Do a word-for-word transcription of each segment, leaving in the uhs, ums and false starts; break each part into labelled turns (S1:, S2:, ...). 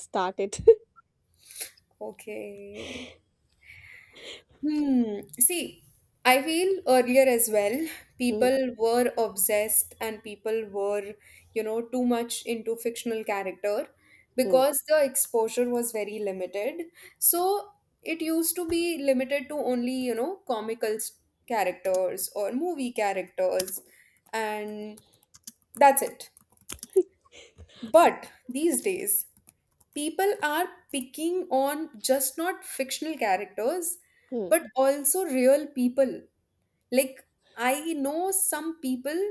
S1: Started.
S2: Okay. Hmm. See, I feel earlier as well,
S1: Hmm,
S2: people were obsessed and people were, you know, too much into fictional character
S1: hmm,
S2: because the exposure was very limited. So it used to be limited to only, you know, comical s- characters or movie characters, and that's it. But these days, people are picking on just not fictional characters
S1: hmm,
S2: but also real people like I know some people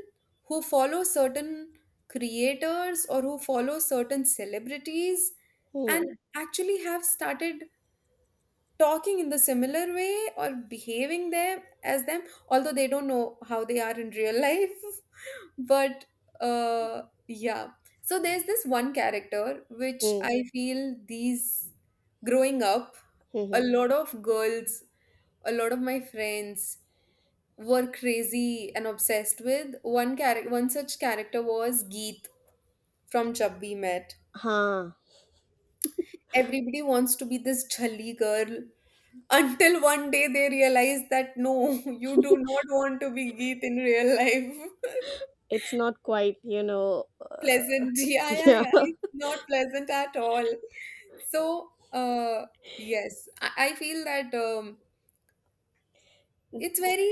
S2: who follow certain creators or who follow certain celebrities
S1: hmm,
S2: and actually have started talking in the similar way or behaving them as them, although they don't know how they are in real life. But uh yeah, so there's this one character which
S1: hmm,
S2: I feel these growing up,
S1: hmm,
S2: a
S1: hmm.
S2: lot of girls, a lot of my friends were crazy and obsessed with one character. One such character was Geet from Chubby Met.
S1: huh.
S2: Everybody wants to be this jhalli girl. Until one day they realize that no, you do not want to be Geet in real life.
S1: It's not quite, you know. Uh,
S2: Pleasant. Yeah, yeah,
S1: yeah.
S2: yeah. It's not pleasant at all. So, uh, yes, I, I feel that um,
S1: Hmm,
S2: it's very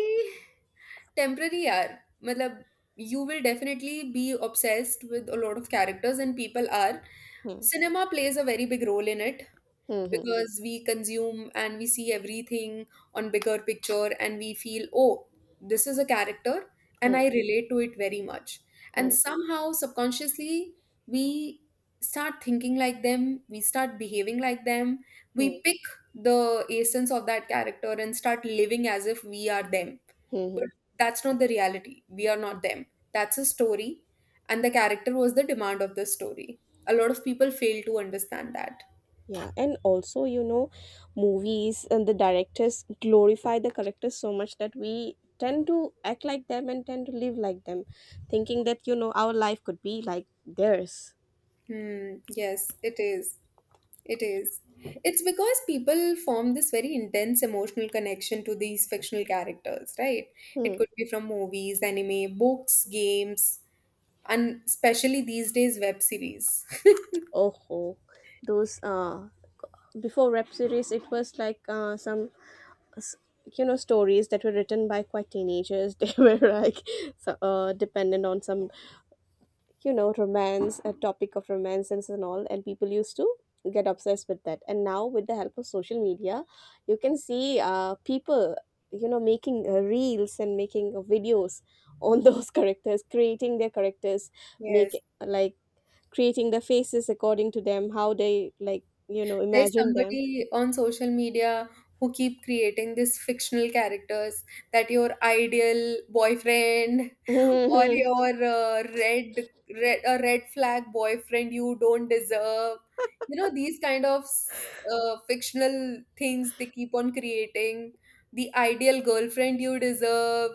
S2: temporary. Yaar. Matlab, you will definitely be obsessed with a lot of characters, and people are.
S1: hmm,
S2: Cinema plays a very big role in it,
S1: hmm,
S2: because we consume and we see everything on bigger picture and we feel, oh, this is a character
S1: hmm,
S2: and I relate to it very much.
S1: hmm,
S2: And somehow subconsciously we start thinking like them, we start behaving like them. We
S1: hmm,
S2: pick the essence of that character and start living as if we are them.
S1: hmm, hmm.
S2: But that's not the reality, we are not them. That's a story, and the character was the demand of the story. A lot of people fail to understand that.
S1: Yeah, and also, you know, movies and the directors glorify the characters so much that we tend to act like them and tend to live like them, thinking that, you know, our life could be like theirs.
S2: Hmm, yes, it is. It is. It's because people form this very intense emotional connection to these fictional characters, right?
S1: Hmm.
S2: It could be from movies, anime, books, games, and especially these days, web series.
S1: Oh, ho. Those uh before rap series it was like uh, some s- you know, stories that were written by quite teenagers, they were like so, uh, dependent on some, you know, romance, a topic of romances and all, and people used to get obsessed with that. And now, with the help of social media, you can see, uh, people, you know, making uh, reels and making uh, videos on those characters, creating their characters, make,
S2: Yes.
S1: like, creating their faces according to them, how they like, you know,
S2: There's
S1: imagine them.
S2: somebody on social media who keep creating these fictional characters, that your ideal boyfriend, or your uh, red red a red flag boyfriend you don't deserve, you know, these kind of s- uh, fictional things they keep on creating, the ideal girlfriend you deserve,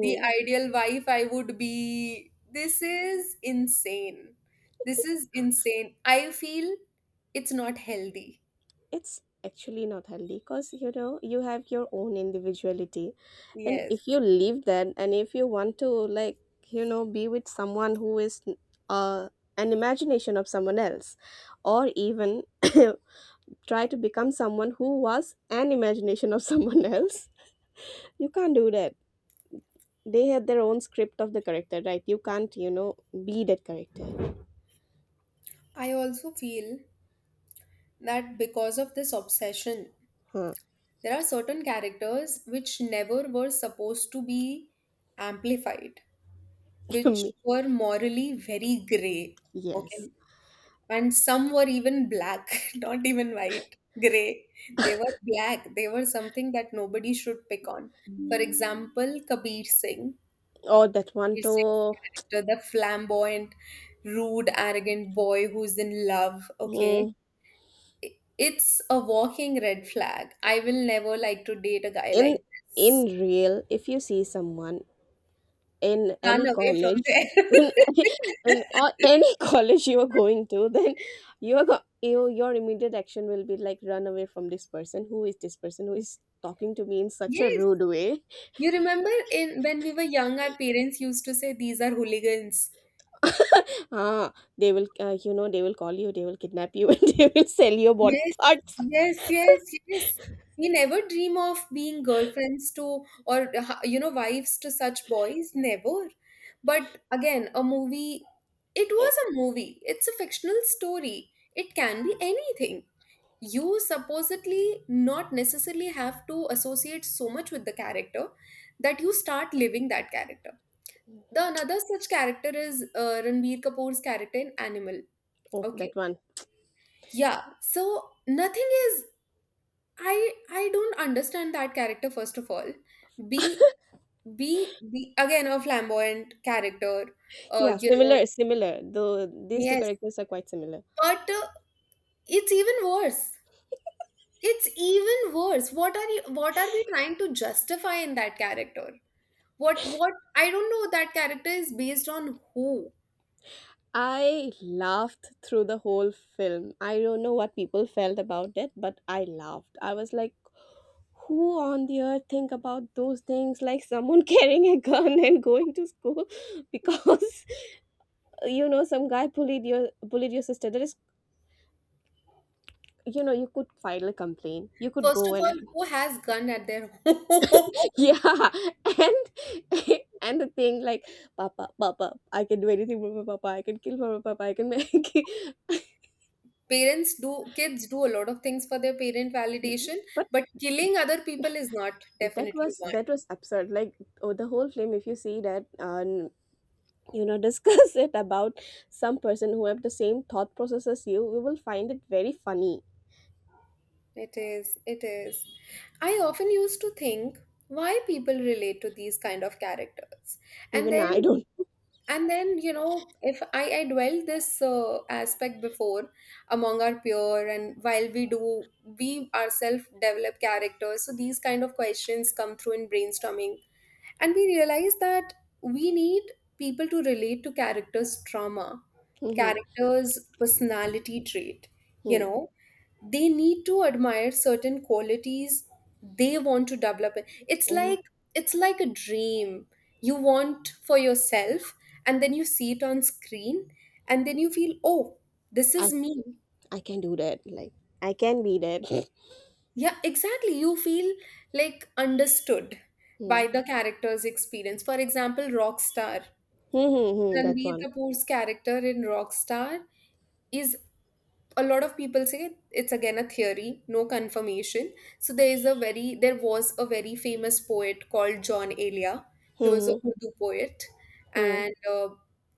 S2: the ideal wife I would be. This is insane. This is insane, I feel. It's not healthy.
S1: It's actually not healthy, because, you know, you have your own individuality, and
S2: Yes,
S1: if you leave that and if you want to, like, you know, be with someone who is uh an imagination of someone else, or even try to become someone who was an imagination of someone else, you can't do that. They have their own script of the character, right? You can't, you know, be that character.
S2: I also feel that because of this obsession,
S1: Huh.
S2: there are certain characters which never were supposed to be amplified, which were morally very gray,
S1: Yes.
S2: okay? And some were even black, not even white, gray. They were black, they were something that nobody should pick on. For example, Kabir Singh,
S1: Or that one
S2: Kabir Singh's
S1: to
S2: character, the flamboyant, rude, arrogant boy who's in love,
S1: hmm.
S2: okay? i- it's a walking red flag. I will never like to date a guy
S1: in
S2: like
S1: in
S2: this.
S1: real, if you see someone in
S2: Run
S1: any
S2: away
S1: college,
S2: from there.
S1: in, in all, any college you are going to, then you're go- you, your immediate action will be like, run away from this person. Who is this person who is talking to me in such a
S2: Yes.
S1: rude way?
S2: You remember in when we were young, our parents used to say these are hooligans.
S1: Ah, they will, uh, you know, they will call you, they will kidnap you, and they will sell your body
S2: Yes,
S1: parts.
S2: yes, yes, yes. We never dream of being girlfriends to, or uh, you know wives to such boys, never. But again, a movie, it
S1: Eh,
S2: was a movie. It's a fictional story. It can be anything. You supposedly not necessarily have to associate so much with the character that you start living that character. The another such character is uh, Ranbir Kapoor's character in Animal.
S1: oh,
S2: Okay.
S1: that one.
S2: Yeah. So nothing is. I I don't understand that character, first of all. Be be be again a flamboyant character. Uh,
S1: Yeah,
S2: you know.
S1: similar similar, though these two
S2: Yes.
S1: characters are quite similar.
S2: But uh, it's even worse. It's even worse. What are you what are we trying to justify in that character? What what I don't know, that character is based on who.
S1: I laughed through the whole film. I don't know what people felt about it, but I laughed. I was like, who on the earth think about those things, like someone carrying a gun and going to school because, you know, some guy bullied your bullied your sister. There is, you know, you could file a complaint. You could
S2: First
S1: go
S2: of all,
S1: and
S2: who has gun at their home?
S1: yeah. And and the thing like, papa, papa, I can do anything for my papa, I can kill for my papa, I can make
S2: Parents do kids do a lot of things for their parent
S1: but."
S2: validation, but killing other people is not
S1: That
S2: definitely
S1: was, that
S2: one.
S1: was absurd. Like, oh, the whole film, if you see that, um you know, discuss it about some person who have the same thought process as you, we will find it very funny.
S2: It is, it is. I often used to think why people relate to these kind of characters. And
S1: Even I
S2: then
S1: don't.
S2: and then you know if I I dwelled this uh, aspect before among our peer, and while we do we ourselves develop characters, so these kind of questions come through in brainstorming. And we realize that we need people to relate to characters trauma,
S1: Mhm,
S2: characters personality trait. You
S1: mhm,
S2: know, they need to admire certain qualities they want to develop. it's
S1: mhm.
S2: like it's like a dream you want for yourself, and then you see it on screen, and then you feel, oh, this
S1: i
S2: is me.
S1: i can do that. Like, I can be that.
S2: Yeah, exactly. You feel like understood
S1: Hmm.
S2: by the character's experience. For example, Rockstar.
S1: Hmm, hmm, hmm, that
S2: Ranbir
S1: one.
S2: Kapoor's character in Rockstar is, a lot of people say, it's again a theory, no confirmation. So there is a very there was a very famous poet called John Elia.
S1: Hmm,
S2: He was a
S1: hmm,
S2: Urdu poet,
S1: hmm,
S2: and uh,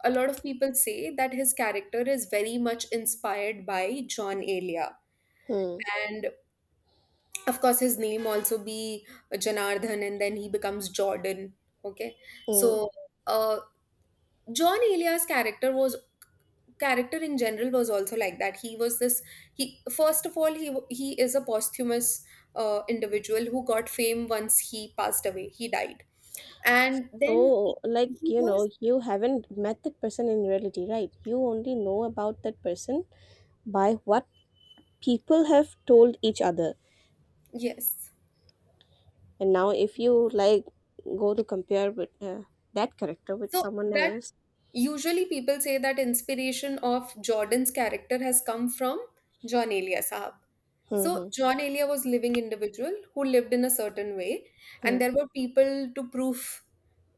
S2: a lot of people say that his character is very much inspired by John Elia.
S1: hmm.
S2: And of course his name also be uh, Janardhan, and then he becomes Jordan. Okay.
S1: Hmm.
S2: So uh, John Elia's character was character in general, was also like that. He was this he first of all, he w- he is a posthumous uh, individual who got fame once he passed away, he died. And then he
S1: So, like,
S2: he
S1: you know,
S2: was.
S1: you haven't met that person in reality, right? You only know about that person by what people have told each other.
S2: Yes,
S1: And now, if you like go to compare with, uh, that character with
S2: so
S1: someone
S2: that
S1: else,
S2: usually, people say that inspiration of Jordan's character has come from John Elia Sahab. So
S1: Hmm.
S2: John Elia was living individual who lived in a certain way,
S1: Hmm.
S2: and there were people to proof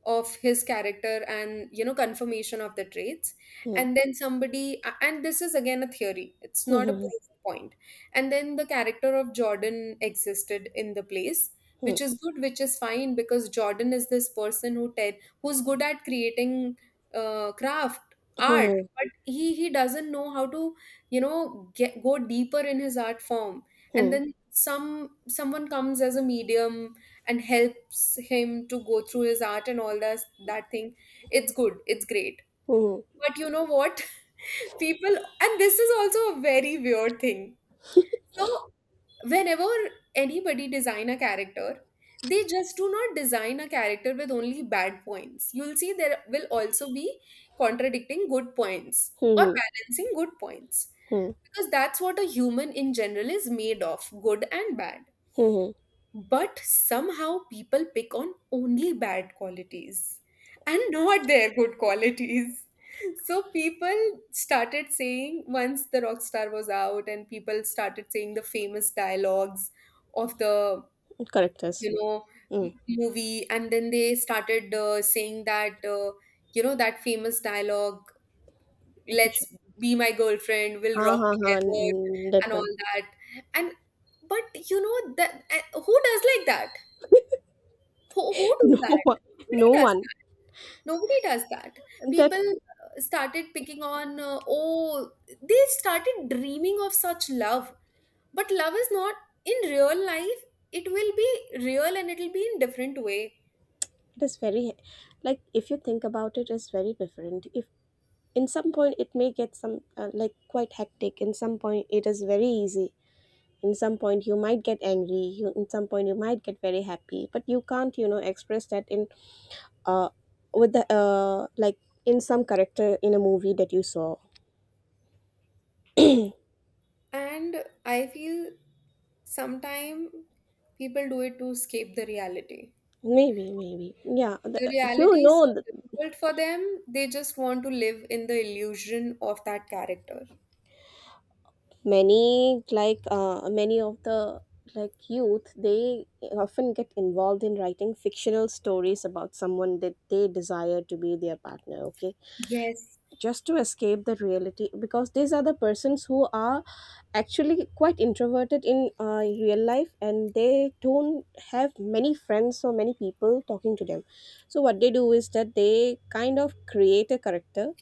S2: of his character, and you know confirmation of the traits.
S1: Hmm.
S2: And then somebody a- and this is again a theory, it's not a
S1: Hmm.
S2: proof point point. And then the character of Jordan existed in the place,
S1: Hmm.
S2: which is good, which is fine, because Jordan is this person who te- who's good at creating uh, craft, art,
S1: Hmm. Hmm.
S2: but he he doesn't know how to you know get, go deeper in his art form. And
S1: Hmm.
S2: then some someone comes as a medium and helps him to go through his art and all that, that thing. It's good, it's great.
S1: Hmm. Hmm. Hmm.
S2: But you know what, people — and this is also a very weird thing. So whenever anybody design a character, they just do not design a character with only bad points. You'll see there will also be contradicting good points
S1: Hmm.
S2: or
S1: Hmm, hmm,
S2: balancing good points,
S1: hmm,
S2: because that's what a human in general is made of, good and bad.
S1: hmm,
S2: But somehow people pick on only bad qualities and not their good qualities. So people started saying, once the rock star was out, and people started saying the famous dialogues of the,
S1: hmm, characters.
S2: you know,
S1: Hmm.
S2: m- movie, and then they started uh, saying that, uh, you know, that famous dialogue,
S1: Which one?
S2: let's be my girlfriend, we'll
S1: Ha
S2: rock
S1: ha ha!
S2: together,
S1: Mm, that
S2: and all
S1: one.
S2: that. And but you know that uh, who does like that, who, who do
S1: No
S2: that?
S1: one.
S2: Nobody
S1: No
S2: does
S1: one.
S2: that. Nobody does that.
S1: That is
S2: People uh, started picking on, uh, oh, they started dreaming of such love. But love is not in real life. It will be real and it'll be in different way.
S1: very, like, if you think about it's very different. If in some point it may get some, uh, like, quite hectic. In some point it is very easy. In some point you might get angry, you in some point you might get very happy, but you can't, you know, express that in uh with the uh like in some character in a movie that you saw.
S2: And I feel sometimes people do it to escape the reality.
S1: Maybe, maybe, yeah, the,
S2: The
S1: you
S2: reality is so
S1: know, th-
S2: difficult for them, they just want to live in the illusion of that character.
S1: many, like, uh many of the like youth, they often get involved in writing fictional stories about someone that they desire to be their partner, okay,
S2: Yes,
S1: just to escape the reality, because these are the persons who are actually quite introverted in, uh, real life, and they don't have many friends or many people talking to them. So what they do is that they kind of create a character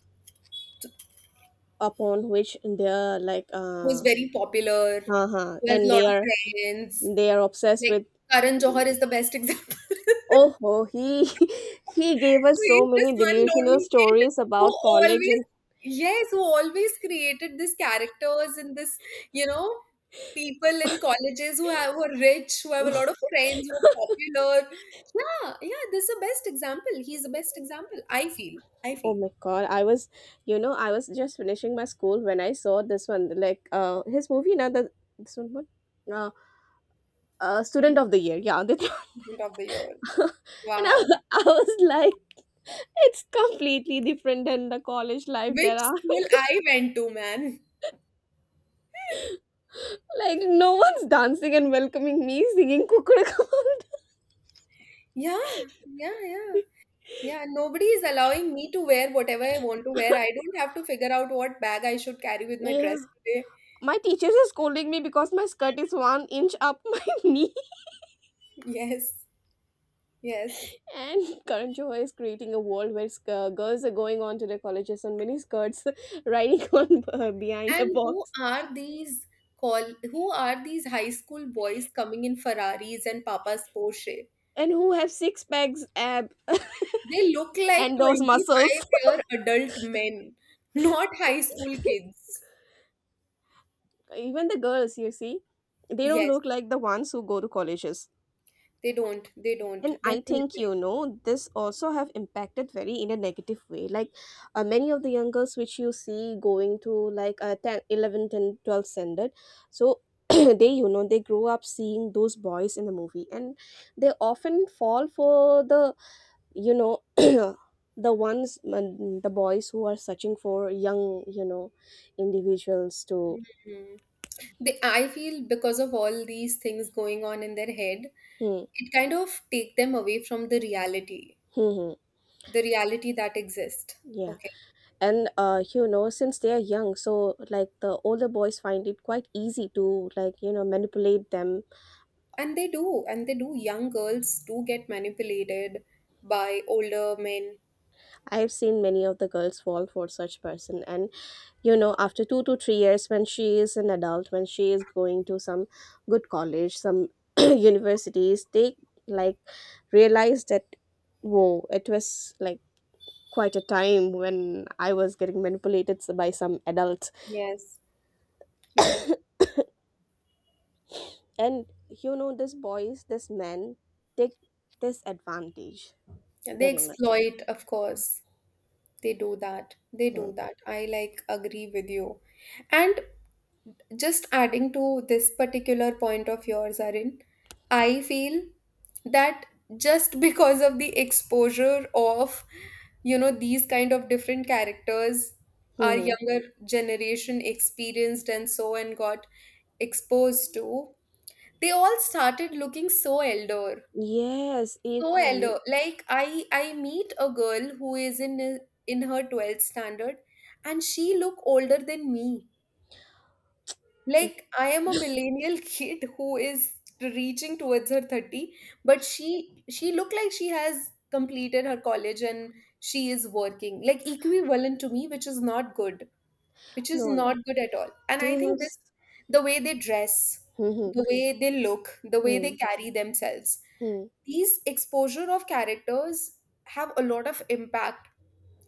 S1: upon which they're like
S2: who's
S1: uh
S2: very popular,
S1: uh-huh,
S2: who has a
S1: and
S2: lot
S1: they
S2: of
S1: are,
S2: friends.
S1: they are obsessed
S2: Like
S1: with.
S2: Karan Johar is the best example.
S1: Oh, oh, he he gave
S2: So
S1: us so
S2: he's this
S1: many
S2: one
S1: delusional
S2: lonely kid
S1: stories
S2: who
S1: about college,
S2: always,
S1: and
S2: yes, who always created these characters and this, you know, people in colleges, who have who are rich, who have a lot of friends, who are popular. Yeah, yeah, this is the best example. He's the best example, I feel. I
S1: oh
S2: feel.
S1: my God, I was, you know, I was just finishing my school when I saw this one, like, uh his movie, now the this one, what? Uh, uh Student of the Year. Yeah, that
S2: Student of the Year.
S1: one. And I,
S2: Wow.
S1: I was like, it's completely different than the college life,
S2: Which
S1: there are.
S2: school I went to, man.
S1: Like, no one's dancing and welcoming me singing Kukudukumanda.
S2: Yeah, yeah, yeah. Yeah, nobody is allowing me to wear whatever I want to wear. I don't have to figure out what bag I should carry with my
S1: Yeah.
S2: dress today.
S1: My teachers are scolding me because my skirt is one inch up my knee.
S2: Yes, yes.
S1: And Current Johar is creating a world where sc- uh, girls are going on to their colleges on mini skirts, riding on, uh, behind a
S2: And who
S1: box,
S2: are these call who are these high school boys coming in Ferraris and Papa's Porsche?
S1: and who have six packs, ab,
S2: They look like
S1: and those muscles.
S2: twenty-five year adult men, not high school kids.
S1: Even the girls, you see, they don't
S2: Yes,
S1: look like the ones who go to colleges.
S2: they don't. They don't.
S1: And I think,
S2: Definitely.
S1: you know, this also have impacted very in a negative way. Like, uh, many of the young girls which you see going to like, uh, ten eleven ten, twelve standard, so they, you know, they grow up seeing those boys in the movie, and they often fall for the, you know, the ones, mm, the boys who are searching for young, you know, individuals to
S2: Mhm. They, I feel because of all these things going on in their head,
S1: Hmm,
S2: it kind of take them away from the reality,
S1: hmm, hmm,
S2: the reality that exists.
S1: yeah,
S2: Okay.
S1: and, uh, you know, since they are young, so like the older boys find it quite easy to, like, you know, manipulate them.
S2: And they do, and they do. Young girls do get manipulated by older men.
S1: I have seen many of the girls fall for such person, and you know, after two to three years, when she is an adult, when she is going to some good college, some universities, they like realize that, whoa, it was like quite a time when I was getting manipulated by some adults.
S2: Yes, yes.
S1: And you know, this boys, this men take this advantage
S2: And they
S1: very much.
S2: exploit, of course. They do that. They
S1: Hmm.
S2: do that. I like agree with you. And just adding to this particular point of yours, Arin, I feel that just because of the exposure of, you know, these kind of different characters, our
S1: Mhm.
S2: younger generation experienced and so and got exposed to, they all started looking so elder.
S1: Yes, if
S2: So
S1: you
S2: elder. Like I I meet a girl who is in in her twelfth standard, and she look older than me. Like, I am a millennial kid who is reaching towards her thirty, but she she looked like she has completed her college and she is working, like equivalent to me, which is not good, which is
S1: no no,
S2: not good at all. And
S1: they
S2: I
S1: have
S2: think this,
S1: s-
S2: the way they dress,
S1: Mhm,
S2: the way they look, the way they
S1: mhm,
S2: carry themselves,
S1: mhm,
S2: these exposure of characters have a lot of impact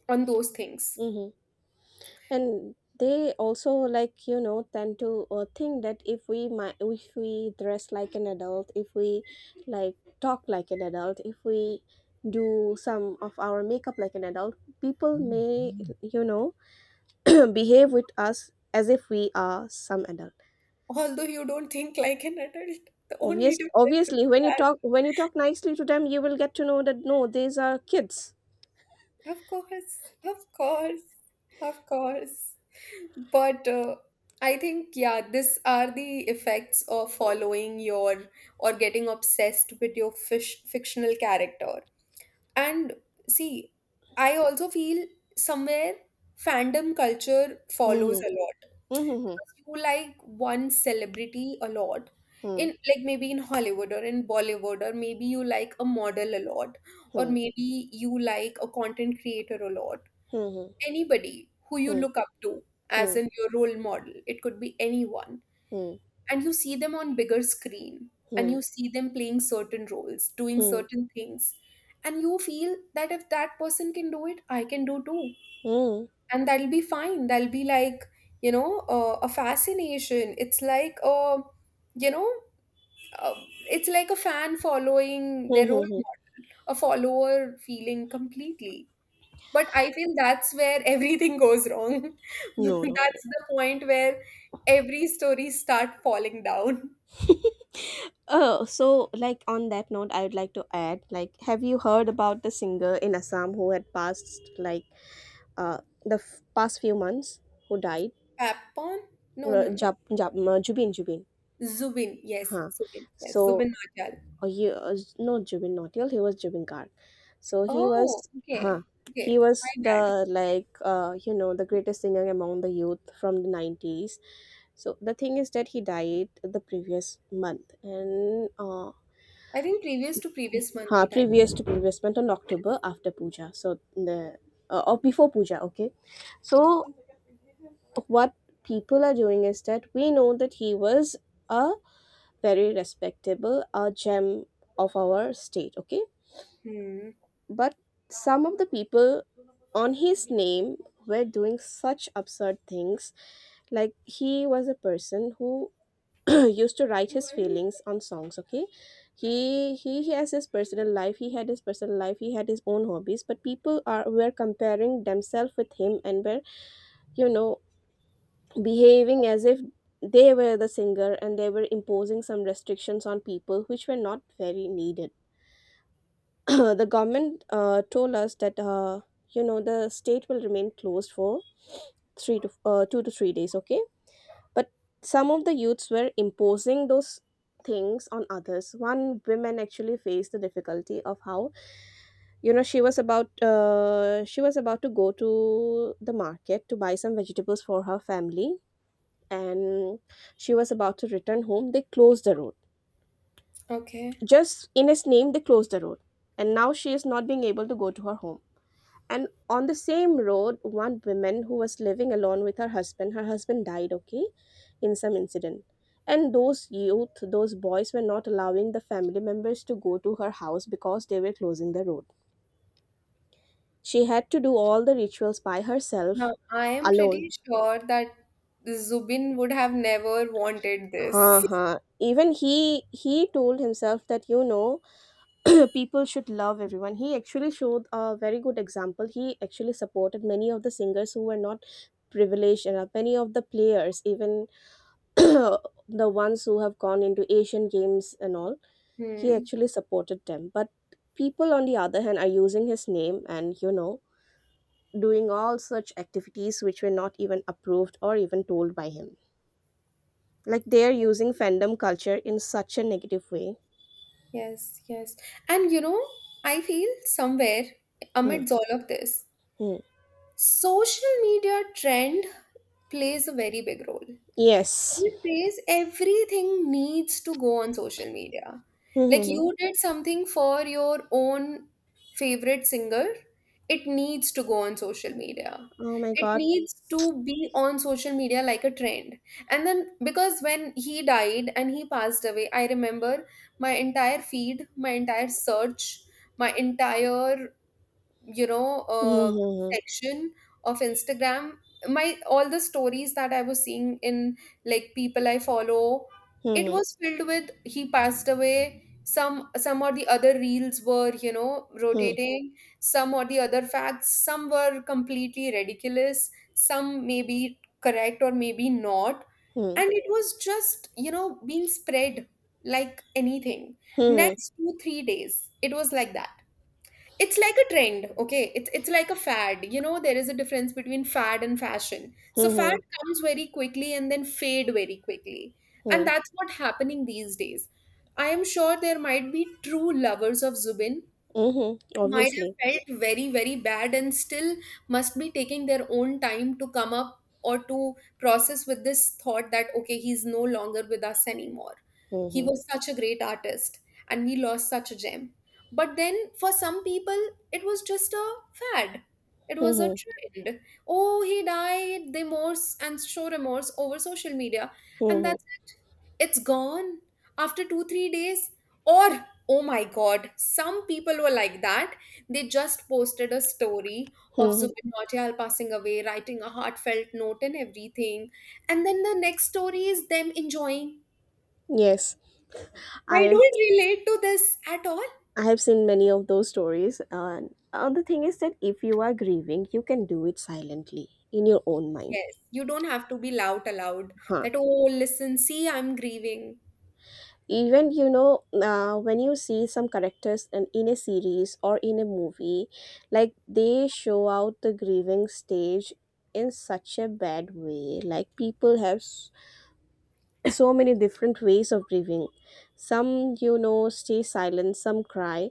S2: on those things.
S1: mhm. And they also, like, you know, tend to, uh, think that if we mi- if we dress like an adult, if we like talk like an adult, if we do some of our makeup like an adult, people may Mhm. you know behave with us as if we are some adult.
S2: Although you don't think like an adult, the only
S1: Obvious,
S2: difference is
S1: obviously, when you
S2: that.
S1: talk when you talk nicely to them, you will get to know that no, these are kids.
S2: Of course, of course, of course. But uh, I think, yeah, these are the effects of following your or getting obsessed with your fish, fictional character. And see, I also feel somewhere fandom culture follows
S1: Hmm.
S2: a lot.
S1: Hmm.
S2: Because you like one celebrity a lot,
S1: Hmm.
S2: in like maybe in Hollywood or in Bollywood, or maybe you like a model a lot, or
S1: Hmm.
S2: maybe you like a content creator a lot.
S1: Hmm.
S2: Anybody who you
S1: Hmm.
S2: look up to as
S1: Hmm.
S2: in your role model, it could be anyone.
S1: Hmm.
S2: And you see them on bigger screen, and
S1: Hmm.
S2: you see them playing certain roles, doing
S1: Hmm.
S2: certain things. And you feel that if that person can do it, I can do too,
S1: Hmm.
S2: and that'll be fine. That'll be like, you know uh, a fascination it's like a you know uh, it's like a fan following
S1: Hmm.
S2: their role
S1: Hmm.
S2: model, a follower feeling completely. But I feel that's where everything goes wrong.
S1: No, no.
S2: That's the point where every story start falling down.
S1: Oh, so like on that note, I would like to add, like, have you heard about the singer in Assam who had passed like uh the f- past few months, who died?
S2: Papon? No,
S1: Uh,
S2: no, no.
S1: Jab, Jab, uh, Jubin, Jubin.
S2: Zubin, yes,
S1: Huh.
S2: Zubin, yes,
S1: So
S2: Zubin Marjal.
S1: or he was no Jubin Nautiyal, he was Jubin Garg. So he
S2: Oh,
S1: was, huh,
S2: okay,
S1: he
S2: okay, my
S1: was
S2: bad.
S1: the like, uh, you know, the greatest singer among the youth from the nineties. So the thing is that he died the previous month, and uh,
S2: I think previous to previous month
S1: huh,
S2: he died.
S1: previous to previous month, on October, after Puja. So the, uh, or before Puja, okay. So what people are doing is that we know that he was a very respectable, a gem of our state, okay.
S2: Hmm.
S1: But some of the people on his name were doing such absurd things. Like, he was a person who used to write his feelings on songs. Okay, he, he he has his personal life. He had his personal life. He had his own hobbies. But people are were comparing themselves with him and were you know behaving as if they were the singer and they were imposing some restrictions on people which were not very needed. The government uh, told us that uh, you know the state will remain closed for three to uh, two to three days, okay, but some of the youths were imposing those things on others. One woman actually faced the difficulty of how you know she was about uh, she was about to go to the market to buy some vegetables for her family, and she was about to return home, they closed the road.
S2: Okay.
S1: Just in his name, they closed the road, and now she is not being able to go to her home. And on the same road, one woman who was living alone with her husband, her husband died, okay, in some incident. And those youth those boys were not allowing the family members to go to her house because they were closing the road. She had to do all the rituals by herself,
S2: Now, I am
S1: alone.
S2: pretty sure that Zubin would have never wanted
S1: Huh,
S2: this.
S1: huh. Even he he told himself that, you know people should love everyone. He actually showed a very good example. He actually supported many of the singers who were not privileged enough, many of the players, even the ones who have gone into Asian games and all, he
S2: Hmm.
S1: actually supported them. But people, on the other hand, are using his name and, you know, doing all such activities which were not even approved or even told by him. Like they are using fandom culture in such a negative way.
S2: Yes, yes. And you know, I feel somewhere
S1: Hmm,
S2: amidst all of this,
S1: hmm.
S2: social media trend plays a very big role.
S1: Yes.
S2: These days, everything needs to go on social media. Like,
S1: Hmm,
S2: you did something for your own favorite singer, it needs to go on social media.
S1: hmm, hmm. Oh my
S2: It
S1: god.
S2: needs to be on social media, like a trend. And then, because when he died and he passed away, I remember my entire feed, my entire search, my entire, you know uh, section of Instagram. My all the stories that I was seeing in, like, people I follow, it was filled with he passed away. Some some or the other reels were you know
S1: Hmm, hmm,
S2: rotating some or the other facts. Some were completely ridiculous, some may be correct or maybe not,
S1: hmm,
S2: and it was just you know being spread like anything.
S1: hmm, hmm,
S2: Next two three days it was like that. It's like a trend. Okay, it's it's like a fad. You know there is a difference between fad and fashion.
S1: hmm,
S2: So
S1: hmm, hmm, hmm,
S2: fad
S1: hmm.
S2: comes very quickly and then fade very quickly. And
S1: Hmm.
S2: that's what happening these days. I am sure there might be true lovers of Zubin
S1: Hmm, hmm.
S2: who might have
S1: Obviously.
S2: felt very, very bad, and still must be taking their own time to come up or to process with this thought that, okay, he's no longer with us anymore.
S1: Hmm,
S2: He
S1: hmm,
S2: was such a great artist, and we lost such a gem. But then for some people, it was just a fad. It
S1: hmm,
S2: was a
S1: hmm,
S2: trend. Oh, he died. They morse and show remorse over social media. And
S1: hmm, hmm.
S2: that's it's gone after two three days. Or, oh my god, some people were like that. They just posted a story
S1: Hmm,
S2: of
S1: hmm.
S2: Zubin Nautiyal passing away, writing a heartfelt note and everything, and then the next story is them enjoying.
S1: Yes.
S2: I
S1: I
S2: don't relate to this at all.
S1: I have seen many of those stories. And uh, the thing is that if you are grieving, you can do it silently in your own mind.
S2: Yes, you don't have to be loud aloud,
S1: Huh.
S2: that, oh, listen, see, I'm grieving.
S1: Even, you know, uh, when you see some characters in, in a series or in a movie, like they show out the grieving stage in such a bad way. Like people have s- so many different ways of grieving. Some, you know, stay silent, some cry,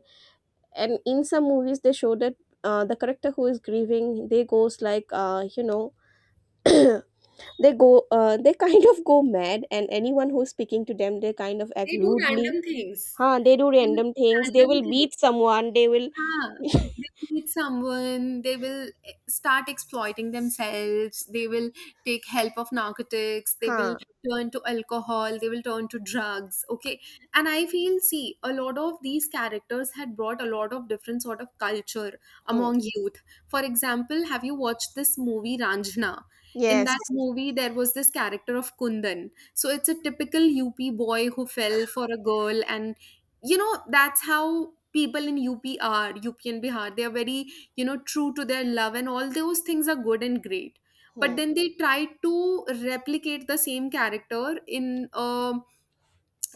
S1: and in some movies they show that uh, the character who is grieving they goes like uh, you know they go uh, they kind of go mad, and anyone who's speaking to them they kind of act
S2: they do random
S1: rudely.
S2: things
S1: Huh, they do
S2: they do
S1: random things. They will
S2: random things
S1: beat someone, they will
S2: Yeah, they meet someone, they will eh, start exploiting themselves, they will take help of narcotics, they will
S1: huh.
S2: turn to alcohol, they will turn to drugs. Okay. And I feel, see, a lot of these characters had brought a lot of different sort of culture
S1: Hmm.
S2: among youth. For example, have you watched this movie Ranjana? In
S1: Yes.
S2: that movie, there was this character of Kundan. So it's a typical U P boy who fell for a girl, and you know that's how people in up are up and Bihar, they are very you know true to their love, and all those things are good and great. But
S1: Hmm.
S2: then they try to replicate the same character in um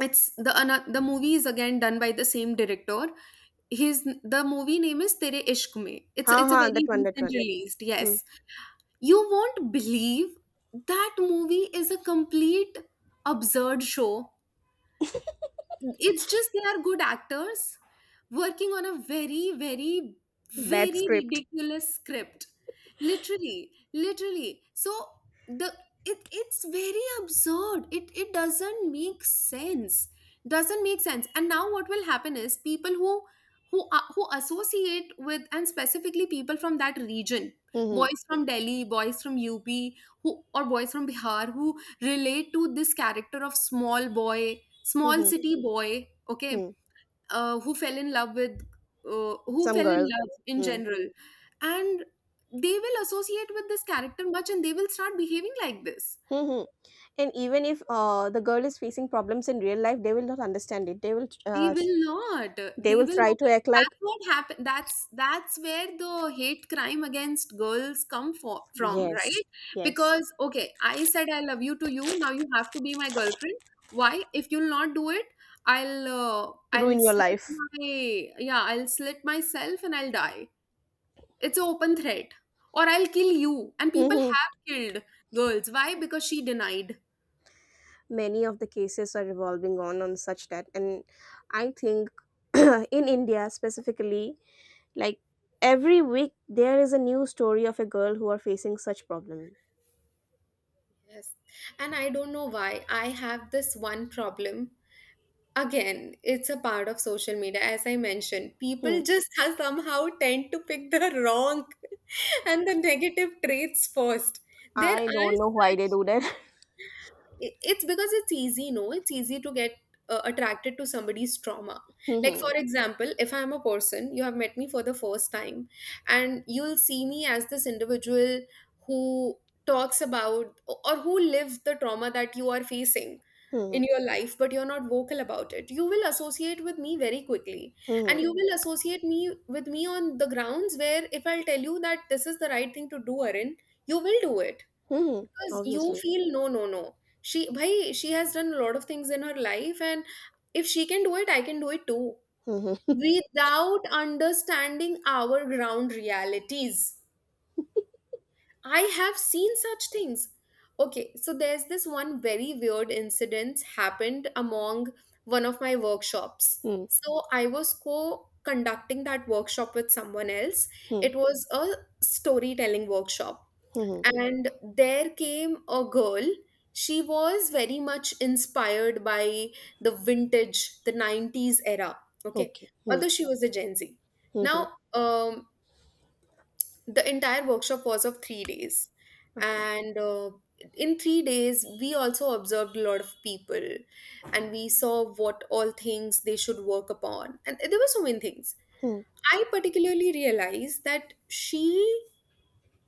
S2: it's the ano- The movie is again done by the same director. His the movie name is Tere Ishq Mein. it's
S1: Huh,
S2: it's a
S1: huh.
S2: very
S1: That one, that one.
S2: recent released.
S1: Hmm.
S2: Yes, you won't believe that movie is a complete absurd show. It's just they are good actors working on a very, very,
S1: Bad
S2: very
S1: script.
S2: ridiculous script. Literally, literally. So the it it's very absurd. It it doesn't make sense. Doesn't make sense. And now what will happen is people who who a- who associate with, and specifically people from that region,
S1: Hmm,
S2: boys from Delhi, boys from U P, who or boys from Bihar who relate to this character of small boy small
S1: hmm,
S2: city boy Okay,
S1: hmm.
S2: uh, who fell in love with uh, who
S1: Some
S2: fell in
S1: girl.
S2: love in
S1: Hmm,
S2: general. And they will associate with this character much, and they will start behaving like this.
S1: hmm, hmm. And even if uh, the girl is facing problems in real life, they will not understand it, they will
S2: They
S1: uh,
S2: will not.
S1: they
S2: They
S1: will
S2: will
S1: try
S2: not.
S1: to act like.
S2: That's what happened. That's that's where the hate crime against girls come for, from,
S1: Yes,
S2: right?
S1: yes.
S2: Because okay, I said I love you to you. Now you have to be my girlfriend. Why? If you'll not do it, I'll uh, I'll
S1: Ruin your
S2: slit
S1: life.
S2: my yeah I'll slit myself, and I'll die. It's an open threat, or I'll kill you. And people
S1: Hmm.
S2: have killed girls. Why? Because she denied.
S1: Many of the cases are revolving on on such that, and I think in India specifically, like every week there is a new story of a girl who are facing such problem.
S2: Yes. And I don't know why. I have this one problem. Again, it's a part of social media. As I mentioned, people
S1: Hmm.
S2: just have somehow tend to pick the wrong and the negative traits first. There
S1: I
S2: are
S1: don't know why they
S2: such
S1: do that.
S2: it- it's because it's easy. No, it's easy to get uh, attracted to somebody's trauma. Like, for
S1: Mhm.
S2: example, if I'm a person, you have met me for the first time, and you'll see me as this individual who talks about or who lived the trauma that you are facing in
S1: Mhm.
S2: your life, but you're not vocal about it, you will associate with me very quickly. And
S1: Mhm.
S2: you will associate me with me on the grounds where if I'll tell you that this is the right thing to do, Arin, you will do it.
S1: Mhm.
S2: Because you
S1: Obviously.
S2: feel, no, no, no, she, bhai, she has done a lot of things in her life, and if she can do it, I can do it too,
S1: Mhm.
S2: without understanding our ground realities. I have seen such things. Okay, so there's this one very weird incident happened among one of my workshops.
S1: Mhm.
S2: So I was co-conducting that workshop with someone else.
S1: Mhm.
S2: It was a storytelling workshop.
S1: Mhm.
S2: And there came a girl. She was very much inspired by the vintage, the nineties era. Okay,
S1: Okay. Mhm.
S2: although she was a Gen Z. Now,
S1: Mhm.
S2: um, the entire workshop was of three days.
S1: Okay.
S2: And uh, in three days we also observed a lot of people, and we saw what all things they should work upon, and there were so many things.
S1: Mhm.
S2: I particularly realized that she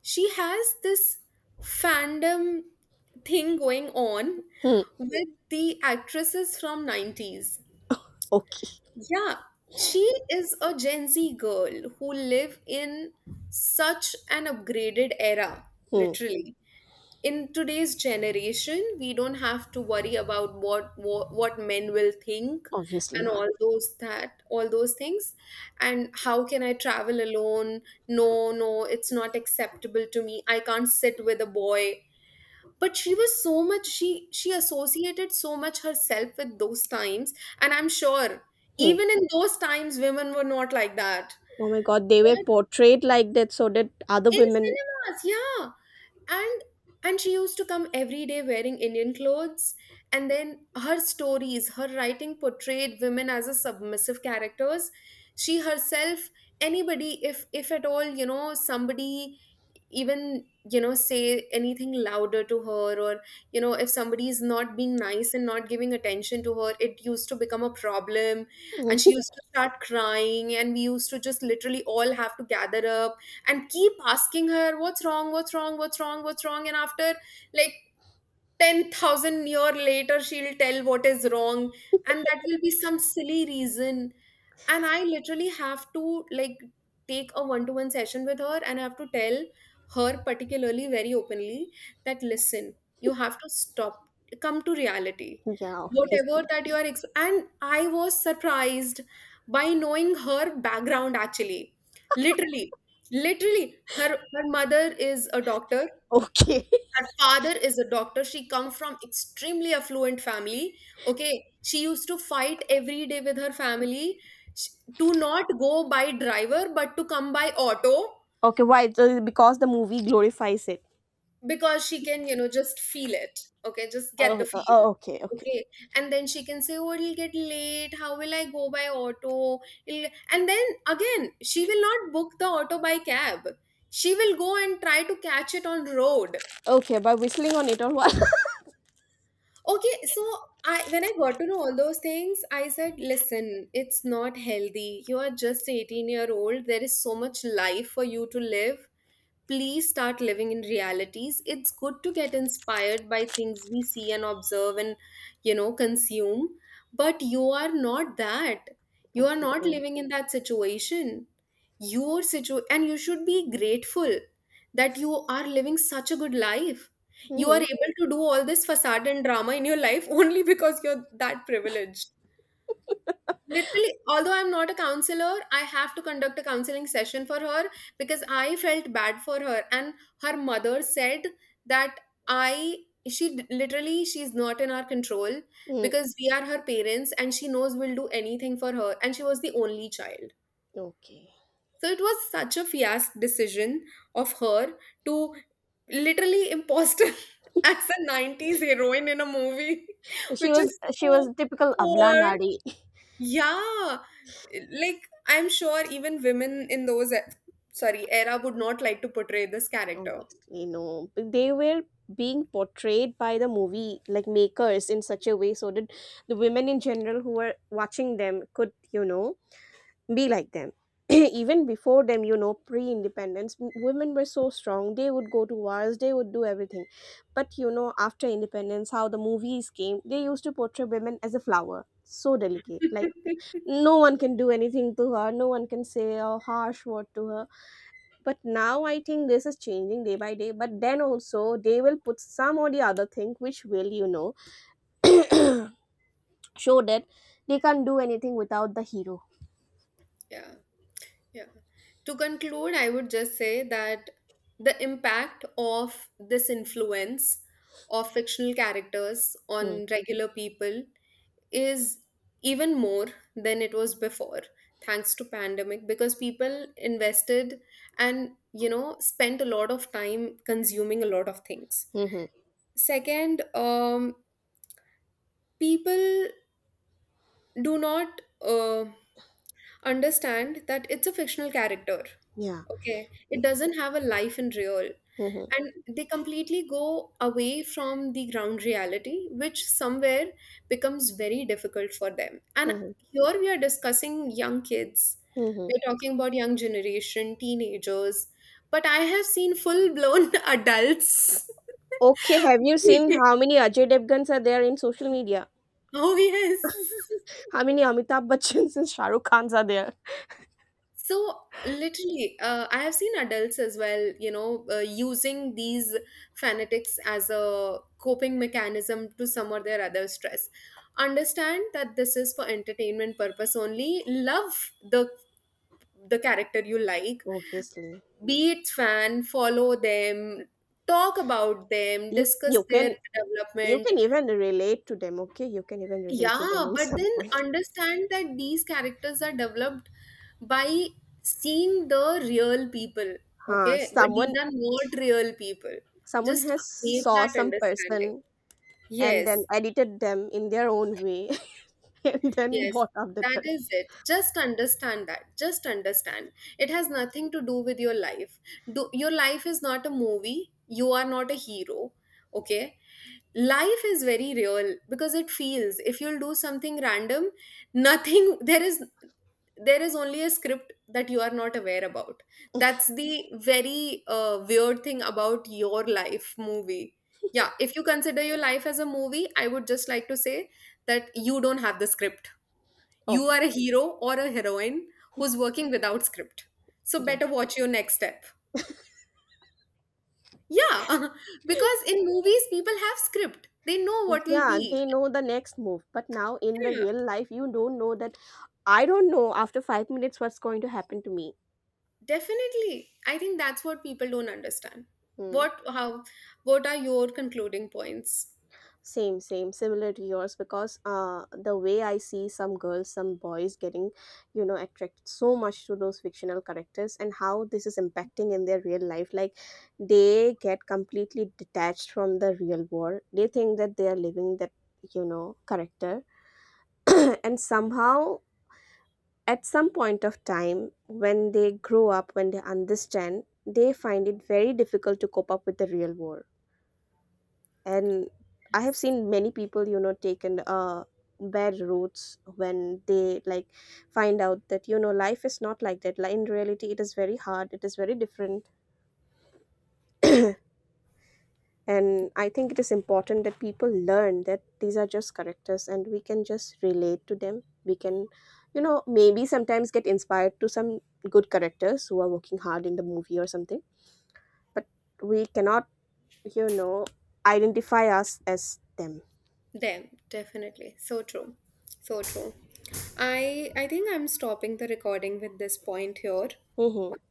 S2: she has this fandom thing going on
S1: Mhm.
S2: with the actresses from nineties.
S1: Okay.
S2: Yeah, she is a Gen Z girl who live in such an upgraded era,
S1: Hmm.
S2: literally. In today's generation, we don't have to worry about what what, what men will think,
S1: Obviously.
S2: and
S1: Hmm.
S2: all those that all those things. And how can I travel alone? No, no, it's not acceptable to me, I can't sit with a boy. But she was so much, she she associated so much herself with those times. And I'm sure even in those times women were not like that.
S1: Oh my god, they were
S2: But
S1: portrayed like that so that other
S2: in
S1: women.
S2: cinemas, yeah. And and she used to come every day wearing Indian clothes. And then her stories, her writing portrayed women as a submissive characters. She herself, anybody, if if at all, you know somebody, even, you know say anything louder to her, or you know if somebody is not being nice and not giving attention to her, it used to become a problem. And she used to start crying, and we used to just literally all have to gather up, and keep asking her, what's wrong, what's wrong, what's wrong, what's wrong. And after, like, ten thousand year later, she'll tell what is wrong, and that will be some silly reason. And I literally have to, like, take a one to one session with her, and I have to tell her particularly very openly that, listen, you have to stop, come to reality,
S1: Yeah, obviously.
S2: whatever that you are ex- and I was surprised by knowing her background. Actually, literally, literally, her her mother is a doctor,
S1: Okay.
S2: her father is a doctor. She come from extremely affluent family. Okay, she used to fight every day with her family, sh- to not go by driver but to come by auto.
S1: Okay, why? Uh, Because the movie glorifies it.
S2: Because she can you know just feel it. Okay, just get
S1: Oh,
S2: the
S1: uh,
S2: feel.
S1: oh, okay, okay.
S2: Okay. And then she can say, oh, it'll get late, how will I go by auto. It'll- and then again she will not book the auto by Cab, she will go and try to catch it on road.
S1: Okay, by whistling on it or what?
S2: Okay, so I when I got to know all those things, I said, listen, it's not healthy. You are just eighteen year old. There is so much life for you to live. Please start living in realities. It's good to get inspired by things we see and observe and you know consume, but you are not that. You are not
S1: Obviously.
S2: living in that situation. Your situ, and you should be grateful that you are living such a good life. You are
S1: Hmm.
S2: able to do all this facade and drama in your life only because you're that privileged. Literally, although I'm not a counselor, I have to conduct a counseling session for her because I felt bad for her. And her mother said that I, she d- literally, she's not in our control
S1: Hmm,
S2: because we are her parents and she knows we'll do anything for her. And she was the only child.
S1: okay.
S2: So it was such a fiasco decision of her to literally imposter as a nineties heroine in a movie,
S1: She
S2: which
S1: was
S2: is
S1: she was
S2: so
S1: typical Abla
S2: poor.
S1: Nari.
S2: Yeah, like I'm sure even women in those e- sorry era would not like to portray this character.
S1: Obviously, no. But they were being portrayed by the movie like makers in such a way so that the women in general who were watching them could, you know, be like them. Even before them, you know, pre independence, women were so strong. They would go to wars, they would do everything. But, you know, after independence, how the movies came, they used to portray women as a flower. So delicate. Like, no one can do anything to her, no one can say a harsh word to her. But now I think this is changing day by day. But then also, they will put some or the other thing which will, you know, show that they can't do anything without the hero.
S2: Yeah, yeah. To conclude, I would just say that the impact of this influence of fictional characters
S1: Hmm.
S2: on regular people is even more than it was before thanks to pandemic because people invested and you know spent a lot of time consuming a lot of things.
S1: Hmm, hmm.
S2: Second, um, people do not uh, understand that it's a fictional character.
S1: Yeah.
S2: Okay, it doesn't have a life in real,
S1: Hmm, hmm,
S2: and they completely go away from the ground reality, which somewhere becomes very difficult for them. And
S1: hmm, hmm.
S2: here we are discussing young kids.
S1: Hmm, hmm.
S2: We're talking about young generation, teenagers, but I have seen full blown adults.
S1: Okay, have you seen how many Ajay Devgans are there in social media?
S2: Oh yes.
S1: How many Amitabh Bachchans and Shah Rukh Khans are there?
S2: So literally, uh, I have seen adults as well, you know, uh, using these fanatics as a coping mechanism to some or their other stress. Understand that this is for entertainment purpose only. Love the the character you like,
S1: Obviously.
S2: be it fan, follow them, talk about them,
S1: You
S2: discuss
S1: you can
S2: their
S1: you
S2: development.
S1: can even relate to them, okay? You can even relate to them
S2: Yeah,
S1: in
S2: but
S1: some
S2: then
S1: point.
S2: understand that these characters are developed by seeing the real people.
S1: Huh.
S2: Okay, but these
S1: Someone
S2: are not real people.
S1: someone
S2: Just
S1: has
S2: make
S1: saw
S2: that
S1: some
S2: understanding.
S1: person and then
S2: Yes,
S1: edited them in their own way and then
S2: yes,
S1: bought up that
S2: that
S1: correct.
S2: is it. Just understand that. Just understand. It has nothing to do with your life. Do, your life is not a movie. You are not a hero. Okay, life is very real because it feels. If you'll do something random, nothing there is, there is only a script that you are not aware about. That's the very uh, weird thing about your life movie. Yeah, if you consider your life as a movie, I would just like to say that you don't have the script. You
S1: Oh
S2: are a hero or a heroine who's working without script, so
S1: yeah.
S2: better watch your next step. Yeah, because in movies people have script, they know what will
S1: Yeah,
S2: be.
S1: they know the next move. But now in the
S2: Yeah.
S1: real life you don't know that. I don't know after five minutes what's going to happen to me.
S2: Definitely. I think that's what people don't understand.
S1: Hmm.
S2: What, how, what are your concluding points?
S1: Same, same, similar to yours because uh, the way I see some girls, some boys getting, you know, attracted so much to those fictional characters and how this is impacting in their real life. Like they get completely detached from the real world. They think that they are living that, you know, character. And somehow, at some point of time, when they grow up, when they understand, they find it very difficult to cope up with the real world. And I have seen many people you know taken uh bad routes when they, like, find out that you know life is not like that. Like, in reality it is very hard, it is very different. And I think it is important that people learn that these are just characters, and we can just relate to them. We can you know maybe sometimes get inspired to some good characters who are working hard in the movie or something. But we cannot you know identify us as them.
S2: Them, definitely. So true. So true. I I think I'm stopping the recording with this point here.
S1: Hmm.